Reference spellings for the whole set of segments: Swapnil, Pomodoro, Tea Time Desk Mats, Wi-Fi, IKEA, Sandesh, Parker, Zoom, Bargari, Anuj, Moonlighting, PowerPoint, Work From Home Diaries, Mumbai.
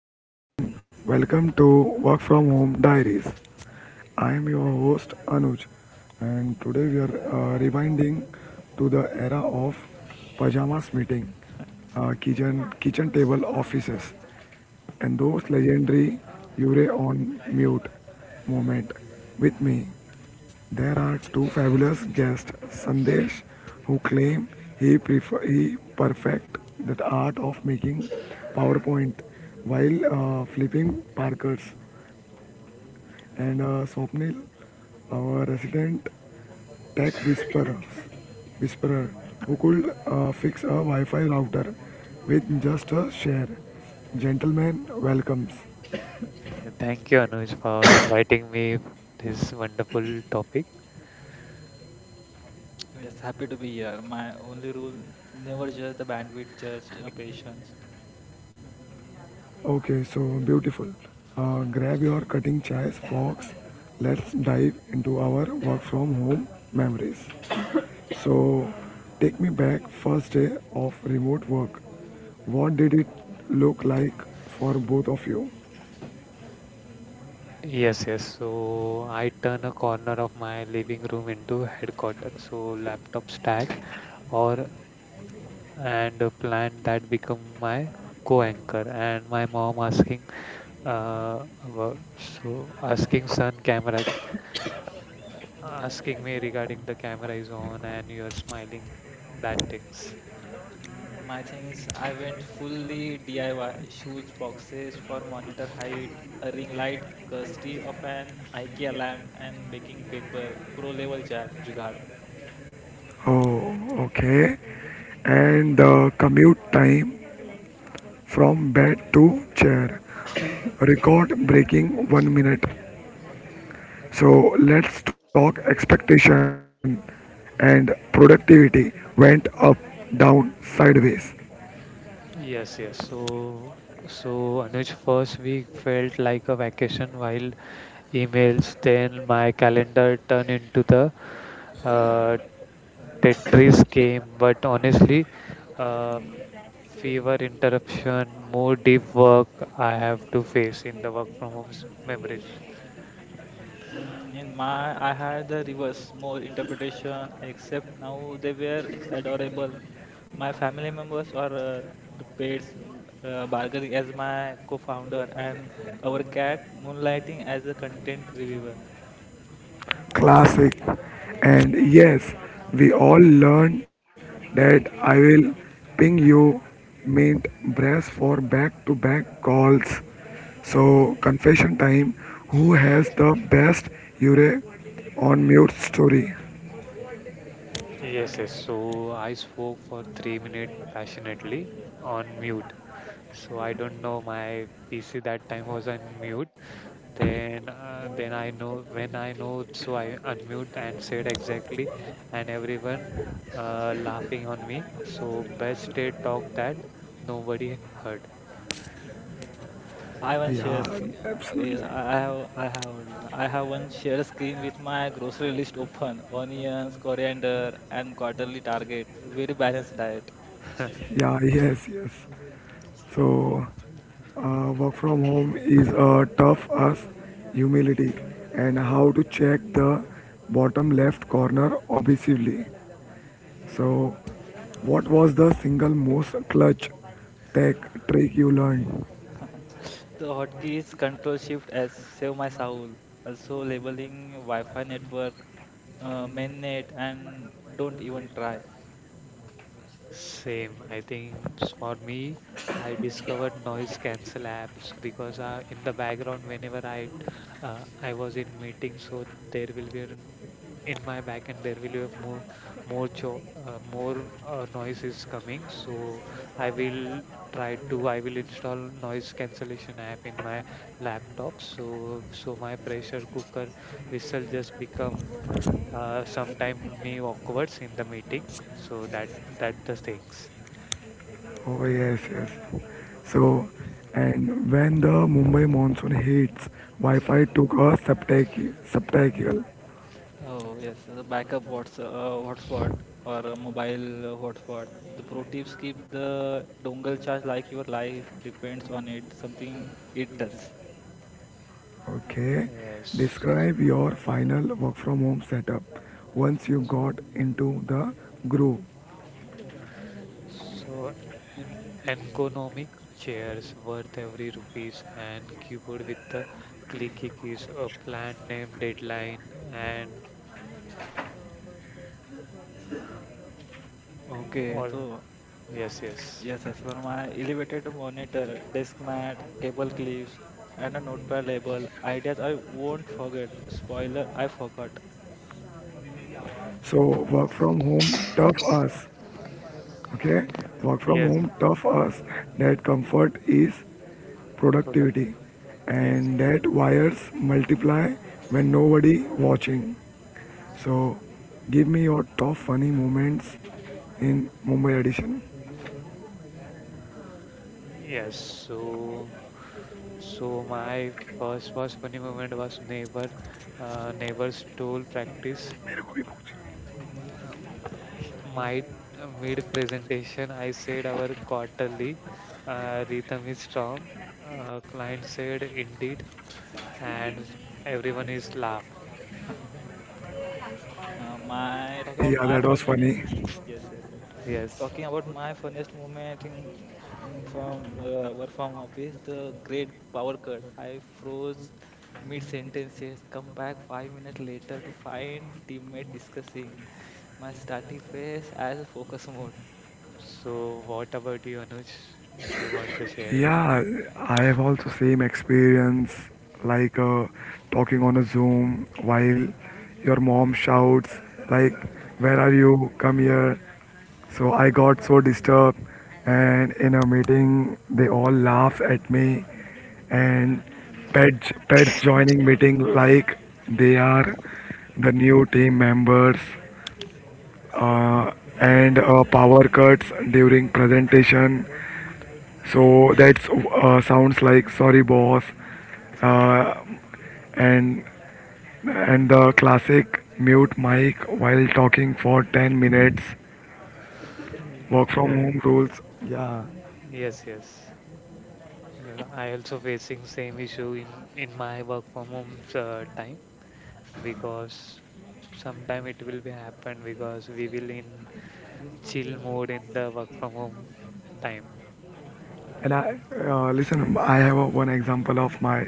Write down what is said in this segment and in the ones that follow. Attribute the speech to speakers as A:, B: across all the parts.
A: hello everyone, welcome to Work From Home Diaries. I am your host Anuj, and today we are rewinding to the era of pajamas meeting, kitchen table offices, and those legendary "You're on mute moment with me." There are two fabulous guests, Sandesh, who claim he perfect that art of making PowerPoint while flipping Parkers, and Swapnil, our resident tech whisperer who could fix a Wi-Fi router with just a share. Gentlemen, welcomes.
B: Thank you, Anuj, for inviting me this wonderful topic.
C: Yes happy to be here. My only rule: never judge the bandwidth judge a patience.
A: Okay, so beautiful. Grab your cutting chairs, folks. Let's dive into our work from home memories. So, take me back first day of remote work. What did it look like for both of you?
B: Yes. So I turn a corner of my living room into headquarters. So laptop stack or and a plan that become my co-anchor. And my mom asking, uh, about- so asking son camera,
C: Yes.
B: asking me regarding the camera is on and you are smiling. That things.
C: My things, I went fully DIY. Shoes, boxes for monitor height, a ring light, custody of an IKEA lamp, and baking paper. Pro level jugaad.
A: Oh, okay. And the commute time from bed to chair. Record breaking 1 minute. So let's talk expectation and productivity went up, down, sideways.
B: Yes, yes. So, so Anuj, first week felt like a vacation while emails, then my calendar turned into the uh, Tetris game. But honestly, uh, fever interruption, more deep work I have to face in the work from home memories.
C: I had the reverse, more interpretation, except now they were adorable. My family members are the pets, Bargari as my co-founder, and our cat, Moonlighting, as a content reviewer.
A: Classic. And yes, we all learned that I will ping you mint brass for back to back calls. So confession time who has the best Yure on mute story?
B: Yes. So I spoke for 3 minutes passionately on mute. So I don't know my PC that time was on mute. Then I know when I know, so I unmute and said exactly, and everyone laughing on me. So best they talk that nobody heard.
C: I one
A: Yeah,
C: share screen.
A: absolutely.
C: Yeah, I have one share screen with my grocery list open, onions, coriander, and quarterly target. Very balanced diet.
A: Yeah, yes, yes. So, work from home is tough as humility and how to check the bottom left corner obsessively. So, what was the single most clutch tech trick you learned?
C: The hotkeys Control Shift as Save My Soul, also labeling Wi-Fi network, mainnet, and don't even try.
B: Same. For me, I discovered noise cancel apps because in the background, whenever I was in meeting, so there will be an, in my back end there will be a more noise is coming. So I will try to I will install noise cancellation app in my laptop. So my pressure cooker whistle just become sometime me awkwards in the meeting so that the things.
A: Oh, yes, yes. So, and when the Mumbai monsoon hits, Wi Fi took a spectacle.
C: Oh yes, the backup what's hotspot or a mobile hotspot. The pro tips keep the dongle charge like your life depends on it. Something it does.
A: Okay.
B: Yes.
A: Describe your final work from home setup once you got into the groove.
B: So an ergonomic chairs worth every rupees and keyboard with the clicky keys a plan name deadline and
C: Okay,
B: all.
C: so
B: yes yes
C: yes, yes, for my elevated monitor, desk mat, cable clips, and a notepad label. Ideas I won't forget. Spoiler, I forgot.
A: So work from home tough us. Okay. Work from
B: yes
A: home tough us that comfort is
B: product.
A: productivity
B: yes
A: and that wires multiply when nobody watching.
C: Yes.
A: So give me your top funny moments in Mumbai edition.
B: yes so so my first was funny moment was neighbor neighbors stole practice.
A: मेरे को भी पूछ.
B: Um, my mid presentation I said our quarterly rhythm is strong, client said indeed, and everyone is laughed.
C: My talking about
A: Yeah,
C: my
A: that was
C: funny.
A: funny.
C: Yes, yes, yes.
B: Yes.
C: Talking about my funniest moment in from work from office, the great power cut. I froze mid sentences. Come back 5 minutes later to find teammate discussing my static face as a focus mode.
B: So what about you, Anuj? If you want to share
A: Yeah, I have also same experience like talking on a Zoom while your mom shouts like, "Where are you? Come here!" So I got so disturbed, and in a meeting they all laugh at me, and pets joining meeting like they are the new team members, uh, and power cuts during presentation so that sounds like sorry boss, and and the classic mute mic while talking for 10 minutes,
B: anything.
A: work from
B: Yes
A: home rules, yeah.
B: yes yes I also
C: Nice.
B: facing same issue in my work from home time because sometime it will be happen because we will in chill mode in the work from home time.
A: And I
C: Yes,
A: listen, I have a, one example of my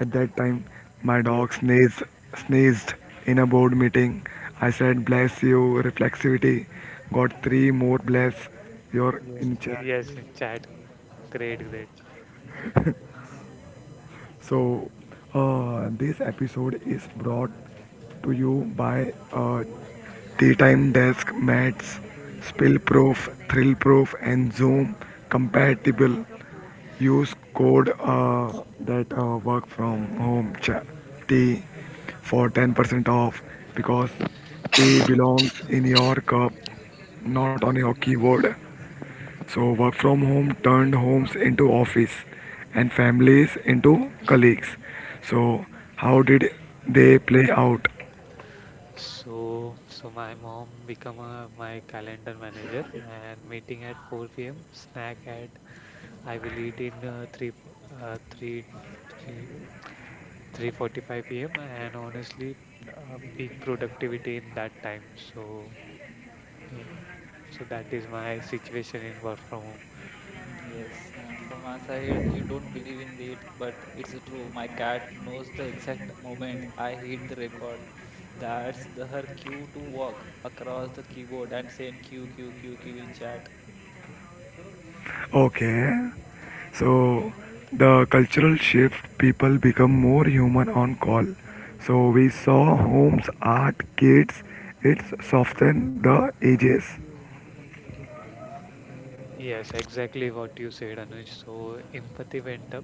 A: at that time my
B: Yes.
A: dog sneezed in a board meeting. I said bless you reflexivity, got three more bless your
B: Yeah.
A: in chat.
B: Yes, childhood. Great, great.
C: nice.
A: So, this episode is brought to you by Tea Time Desk Mats, Spill Proof, Thrill Proof, and Zoom compatible. Use code that work from home tea for 10% off because tea belongs in your cup, not on your keyboard. So, work from home turned homes into office and families into colleagues. So, how did they play out?
B: So, so my mom become a, my calendar manager and meeting at 4 p.m. Snack at I will eat in uh, 3 fo- uh, 3 3:45 p.m. and honestly peak productivity in that time. So, yeah, so that is my situation in work from home.
C: Yes, from my side, you don't believe in it, but it's true. My cat knows the exact moment I hit the record. That's the her cue to walk across the keyboard and saying QQQQ in chat.
A: Okay. So, the cultural shift, people become more human on call. So, we saw homes, art, kids, it's soften the ages.
B: Yes, exactly what you said, Anuj. So empathy went up,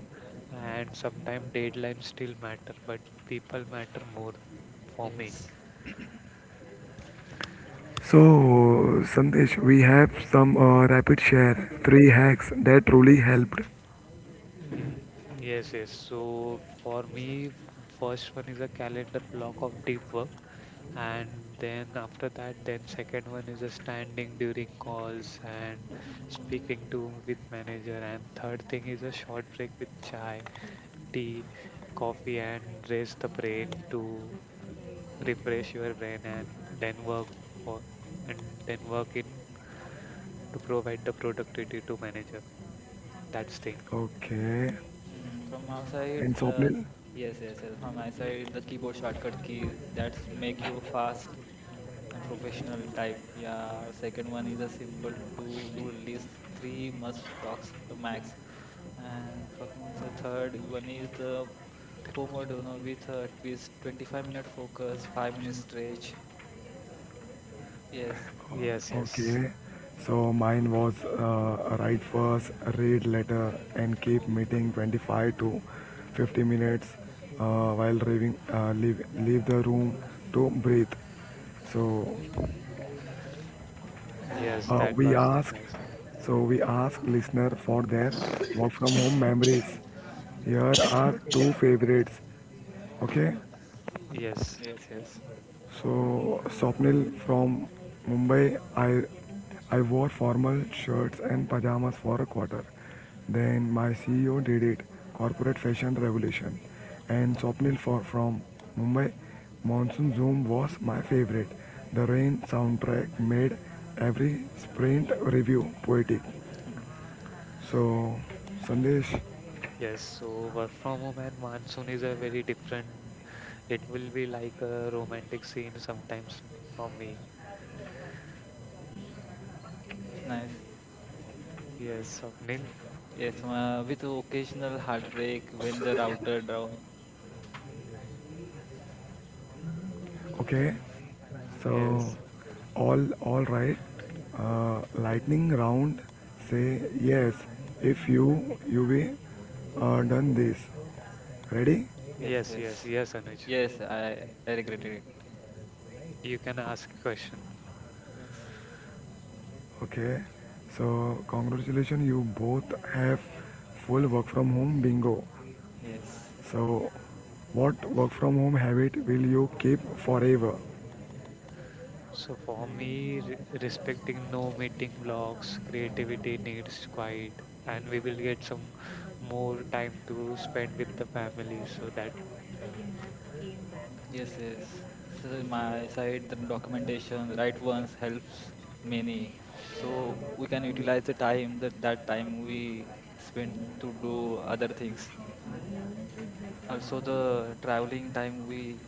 B: and sometimes deadlines still matter, but people matter more for me.
C: Yes.
A: So, Sandesh, we have some rapid share, three hacks that truly helped.
B: Y- Yes, yes. So for me, first one is a calendar block of deep work, and then after that, then second one is a standing during calls and speaking to with manager, and third thing is a short break with chai, tea, coffee, and raise the brain to refresh your brain and then work for and then work in to provide the productivity to manager, that's thing.
A: Okay.
C: Mm, from my side,
A: And
C: the
A: Swapnil?
C: yes, yes, yes. From my side, the keyboard shortcut keys that make you fast and professional type. Yeah. Second one is a simple to do list. Three must talks max. And talking about the third one is the Pomodoro with a twist, 25-minute focus, 5-minute stretch. Yes,
B: yes yes
A: Okay, so mine was write first, read later, and keep meeting 25 to 50 minutes while leaving, leave the room to breathe. So
B: yes
A: uh,
B: that
A: we
B: was
A: ask,
B: nice.
A: so we ask listener for their work from home memories. Here are two favorites. Okay.
B: yes
C: yes, yes.
A: So, Swapnil from Mumbai, I wore formal shirts and pajamas for a quarter. Then my CEO did it, corporate fashion revolution.
C: Yeah.
A: And Swapnil for, from Mumbai, Monsoon Zoom was my favorite. The rain soundtrack made every sprint review poetic.
C: Hmm,
A: So, Sandesh,
B: yes so work from home and monsoon is a very different, it will be like a romantic scene sometimes for me.
C: it's nice.
B: Yes, Nil.
C: Yes, with occasional heartbreak when the router down.
A: okay, so
B: Yes.
A: all right. Lightning round. Say yes if
B: Mm.
A: you be done this. Ready?
C: Yes, yes.
B: Yes Anuj,
C: Yes, I regretted it.
B: you can ask question.
C: Yes,
A: Okay. So congratulations, you both have full work from home bingo.
C: yes.
A: So what work from home habit will you keep forever?
B: So for me, respecting no meeting blocks, creativity needs quiet, and we will get some more time to spend with the family so that
C: Yes, yes. So my side, the documentation, right ones helps many. So we can utilize the time that time we spend to do other things. Also the traveling time we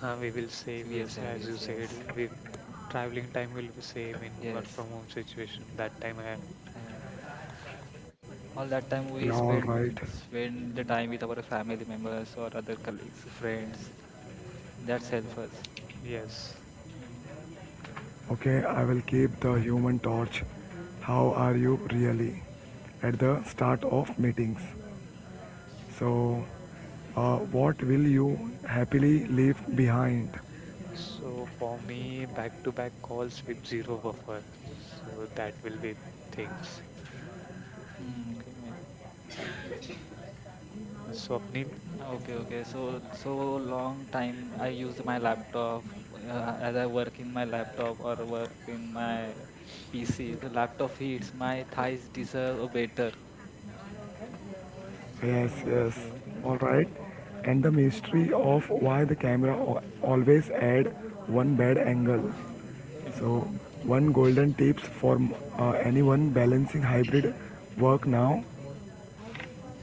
B: we will save. Yes,
C: yes, yes,
B: as you
C: yes.
B: said,
C: Yes.
B: we traveling time will be save in work from
C: Yes.
B: home situation. That time, I,
C: Uh, all that time
A: Yeah,
C: we
A: all
C: spend
A: right.
C: spend the time with our family members or other colleagues, friends. That's help us.
B: yes.
A: Okay, I will keep the human torch. How are you really? At the start of meetings. So, what will you happily leave behind?
B: So for me, back to back calls with zero buffer. So that will be things.
C: Okay.
B: So Swapnil.
C: Okay, okay. So, so long time I use my laptop as I work in my laptop or work in my PC. The laptop heats my thighs deserve a better.
A: Yes, yes.
B: Okay.
A: All right. And the mystery of why the camera always add one bad angle. So, one golden tips for anyone balancing hybrid work now.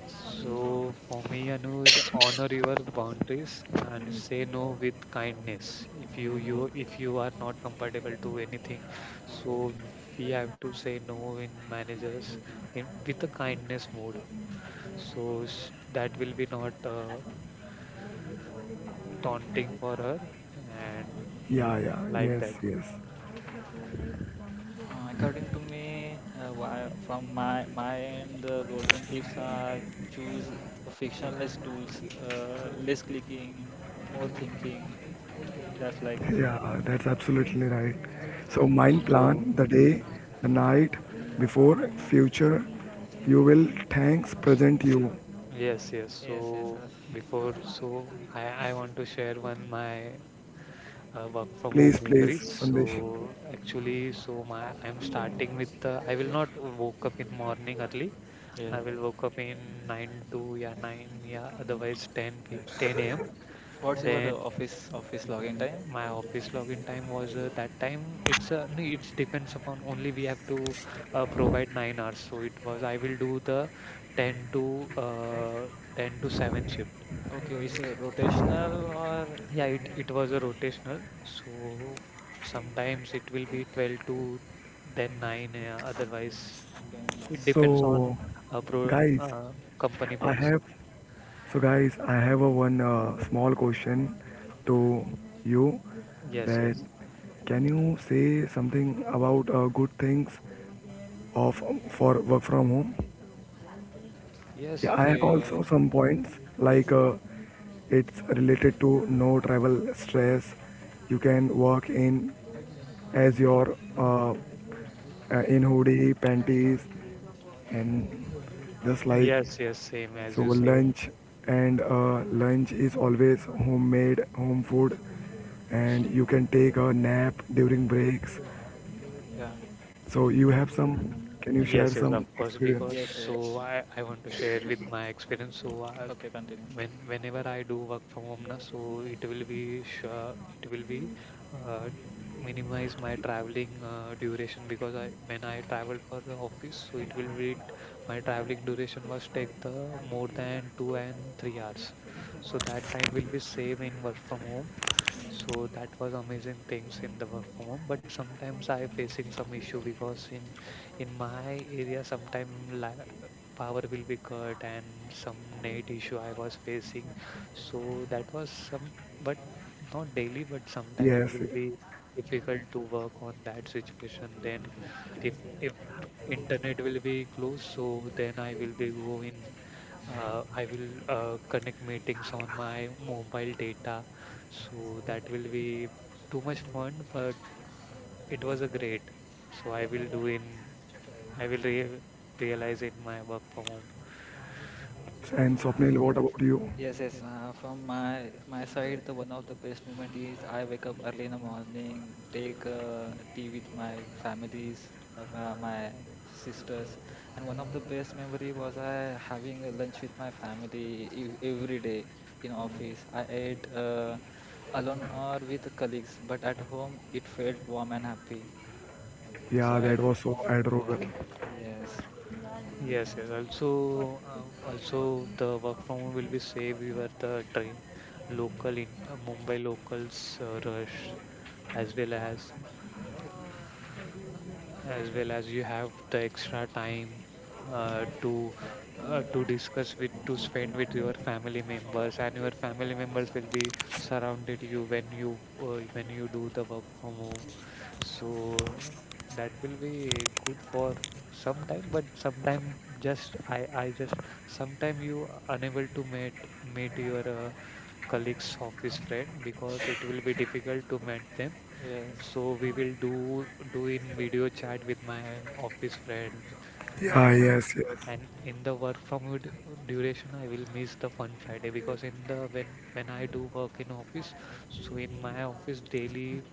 B: So for me, Anuj, honor your boundaries and say no with kindness. If you are not comfortable to anything, so we have to say no in managers in with a kindness mode. That will be not taunting for her and
A: Yeah, yeah,
B: like that.
A: yes, yes.
C: According to me, from my end, the golden tips are choose a frictionless tools, less clicking, more thinking. That's like
A: Yeah, that's absolutely right. So, mind
C: yeah.
B: So
A: plan the day,
B: yes,
A: the night before future. You will thanks present you.
B: yes, yes. So
C: Yes, yes, yes.
B: so I want to share one my work from home
A: Please,
B: memories.
A: please, Sandesh.
B: So actually, so my I'm starting with the I will not woke up in morning early.
C: Yeah.
B: I will woke up in nine to yeah nine yeah otherwise 10 p 10 a.m.
C: What's your
B: Then
C: office login time?
B: my office login time was that time it's no, it's depends upon only we have to provide 9 hours. So it was I will do the 10 to uh, 10 to 7 shift.
C: Okay, is it rotational or
B: Yeah, it was a rotational. So sometimes it will be 12 to then 9. Otherwise,
C: okay.
B: it depends on
A: So,
B: pro
A: guys,
B: company
A: I
B: policy.
A: have so guys, I have a one small question to you
B: Yes,
A: that
B: yes,
A: can you say something about good things of for work from home?
B: yes.
A: Yeah, I have
B: Uh,
C: Okay.
A: also some points like
C: Yes. Yes.
A: it's related to no travel stress. You can work in as
B: y-
A: your in hoodie, panties, and just like
B: yes. Same as
A: so
B: you
C: Yes.
B: said.
A: lunch and lunch is always homemade home food, and you can take a nap during breaks.
C: Yeah.
A: So you have some. Can you share
B: Yes.
A: some
B: Of course,
A: experience?
B: because
C: Yes. Yes.
B: I want to share with my experience. So
C: Okay. Continue.
B: when whenever I do work from home na, so it will be sure it will be uh, minimize my traveling duration because I when I traveled for the office, so it will be my traveling duration was take the more than 2 and 3 hours, so that time will be save in work from home, so that was amazing things in the work from home. But sometimes I facing some issue because in my area sometime power will be cut and some net issue I was facing. So that was some, but not daily, but sometime it
A: Yes.
B: will be difficult to work on that situation. Then if internet will be closed, so then I will be go in I will connect meetings on my mobile data so that will be too much fun, but it was a great. So I will do in, I will re realize in my work from home.
A: And
C: Uh,
A: Swapnil, what about you?
C: yes. Yes. From my side, the one of the best moment is I wake up early in the morning, take tea with my families or my sisters, and one of the best memory was I having a lunch with my family every day in office. I ate. Alone or with colleagues, but at home it felt warm and happy. So
A: Yeah,
C: I,
A: that was so adorable.
C: yeah, yes,
B: Yes, yes. Also, also the work from home will be save were the train, local in Mumbai locals rush, as well as as well as you have the extra time uh, to to discuss with to spend with your family members and your family members will be surrounded you when you when you do the work from home, so that will be good for some time, but sometime just I just sometime you unable to meet your colleagues office friend because it will be difficult to meet them,
C: yes,
B: so we will do in video chat with my office friends
A: Yeah,
B: and
A: yes, yes.
B: and
C: yeah.
B: in the work from duration I will miss the fun Friday because in the when I do work in office, so in my office daily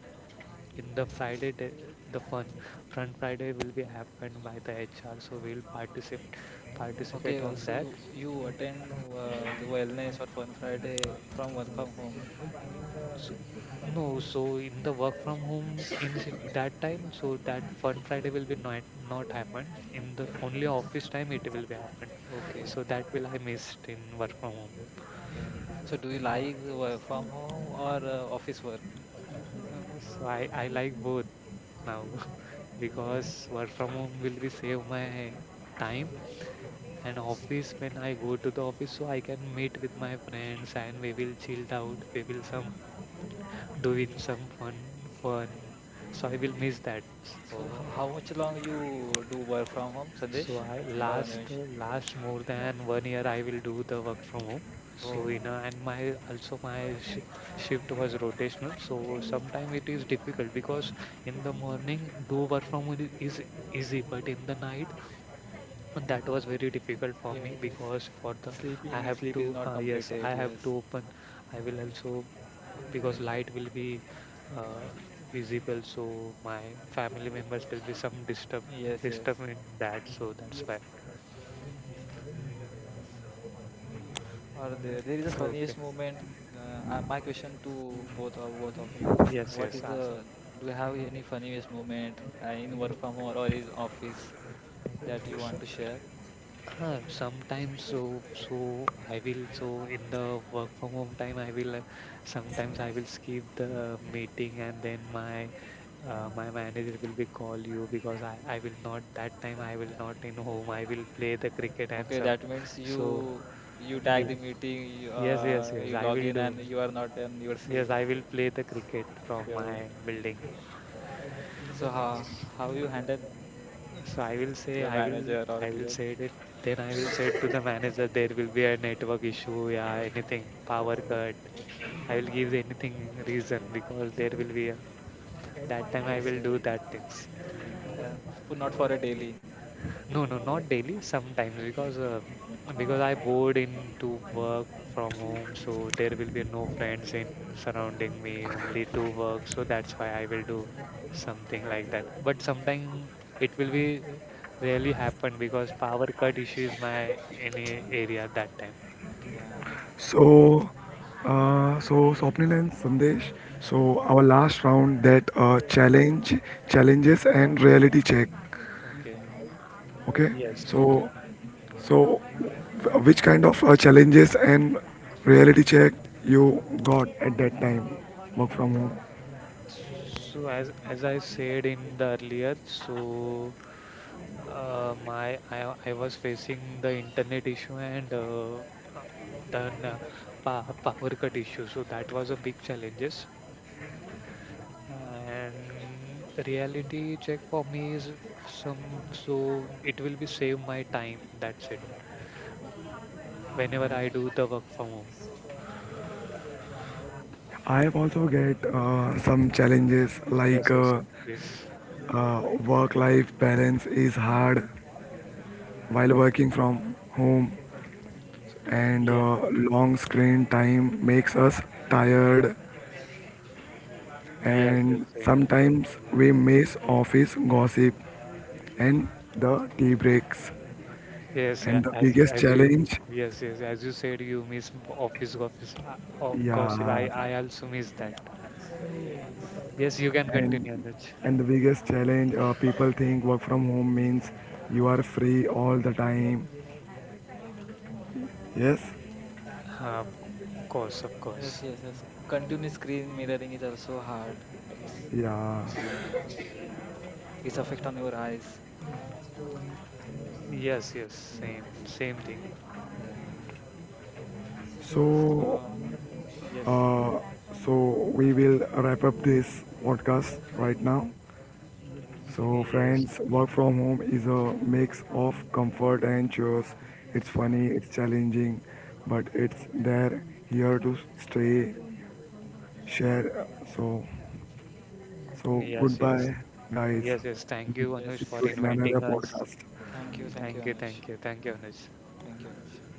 B: in the Friday day, the fun Friday will be happened by the HR, so we'll participate
C: Okay,
B: on that.
C: also you attend the wellness or fun Friday from work from home.
B: So no, so in the work from home in that time, so that Fun Friday will be not not happen. In
C: Yeah.
B: the only office time it will be happen.
C: Okay,
B: So that will I missed in work from home.
C: okay. So do you like the work from home or office work?
B: So I like both now
C: Yeah.
B: because work from home will be save my time and office when I go to the office so I can meet with my friends and we will chill out. We will some doing some fun, so I will miss that.
C: So
B: So
C: how much long you do work from home,
B: so
C: Sandesh
B: I
C: or
B: last
C: Anuj?
B: Last more than 1 year I will do the work from home, so
C: Oh,
B: you know and my also my shift was rotational, so sometimes it is difficult because in the morning do work from home is easy but in the night, and that was very difficult for me
C: yes.
B: because for the I
C: Sleeping,
B: have
C: sleep
B: to
C: is not
B: yes I
C: completed.
B: have to
C: Yes,
B: open I will also because light will be uh, visible so my family members will be some disturb
C: yes, yes,
B: disturb in that, so that's why.
C: yes. Or there is a
B: Okay,
C: funniest moment. My question to both of you:
B: yes
C: what
B: yes
C: is
B: ask.
C: the? Do you have any funniest moment in work from home or in office that you want
B: so.
C: to share?
B: Sometimes so I will so in the work from home time I will sometimes I will skip the meeting and then my my manager will be call you because I will not that time I will not in home I will play the cricket and
C: Okay,
B: some
C: that means
B: so
C: you you tag
B: ye-
C: the meeting, you,
B: yes yes yes
C: you
B: I
C: log
B: will
C: in,
B: do.
C: and you are not in your seat.
B: Yes I will play the cricket from
C: So,
B: my building.
C: so how you handle
B: So
C: your manager or
B: I will
C: TL?
B: say it. Then I will say to the manager there will be a network issue, yeah, anything,
C: Oh,
B: power cut. I will give anything reason because there will be a that time I
C: yes,
B: will
C: yes.
B: do that things.
C: Uh, but not for a daily.
B: No, no, not daily. Sometimes because I bored into work from home, so there will be no friends in surrounding me, only to work. So that's why I will do something like that. But sometimes it will be rarely happen because power cut issue is my any area that time.
C: Yeah.
A: So, so Swapnil and Sandesh. So our last round that challenges and reality check.
C: Okay.
A: Okay.
B: Yes.
C: Okay.
A: So, so which kind of challenges and reality check you got at that time? Work from home.
B: So as I said in the earlier, so my I was facing the internet issue and uh, then uh, power cut issue, so that was a big challenges, and the reality check for me is some so it will be save my time, that's it whenever
C: Yeah.
B: I do the work from home.
A: I have also get some challenges
B: yes
A: like
B: yes please.
A: work-life balance is hard while working from home, and
B: yes
A: long screen time makes us tired,
B: yes yes
A: and
B: same.
A: sometimes we miss office gossip and the tea breaks
B: yes yeah
A: and the
B: as you-
A: biggest
B: as you
A: challenge,
B: Yes, as you said, you miss office office gossip, I
A: yeah.
B: I also miss that.
C: Yes.
B: Yes, you can
A: and
B: continue, Anuj.
A: and the biggest challenge, people think work from home means you are free all the time, yes,
B: Of course, of course.
C: Yes, yes, yes. Continuous screen mirroring is also hard. It's
A: yeah.
C: uh, it's affect on your eyes.
B: Yes, yes, same,
C: Yes,
B: same thing.
C: yeah.
A: So
C: So yes,
A: uh, so we will wrap up this podcast right now. So,
B: Yes,
A: friends, work from home is a mix of comfort and chores. It's funny, it's challenging, but it's there here to stay, share. So, so
B: mm, yes, yes,
A: goodbye, guys.
B: yes. Thank you, Anuj,
A: See
B: for
A: you
C: yes.
A: in another
B: inviting us.
A: podcast.
C: Thank you, Anuj.
B: Thank you, Anuj.
C: Thank you, Anuj.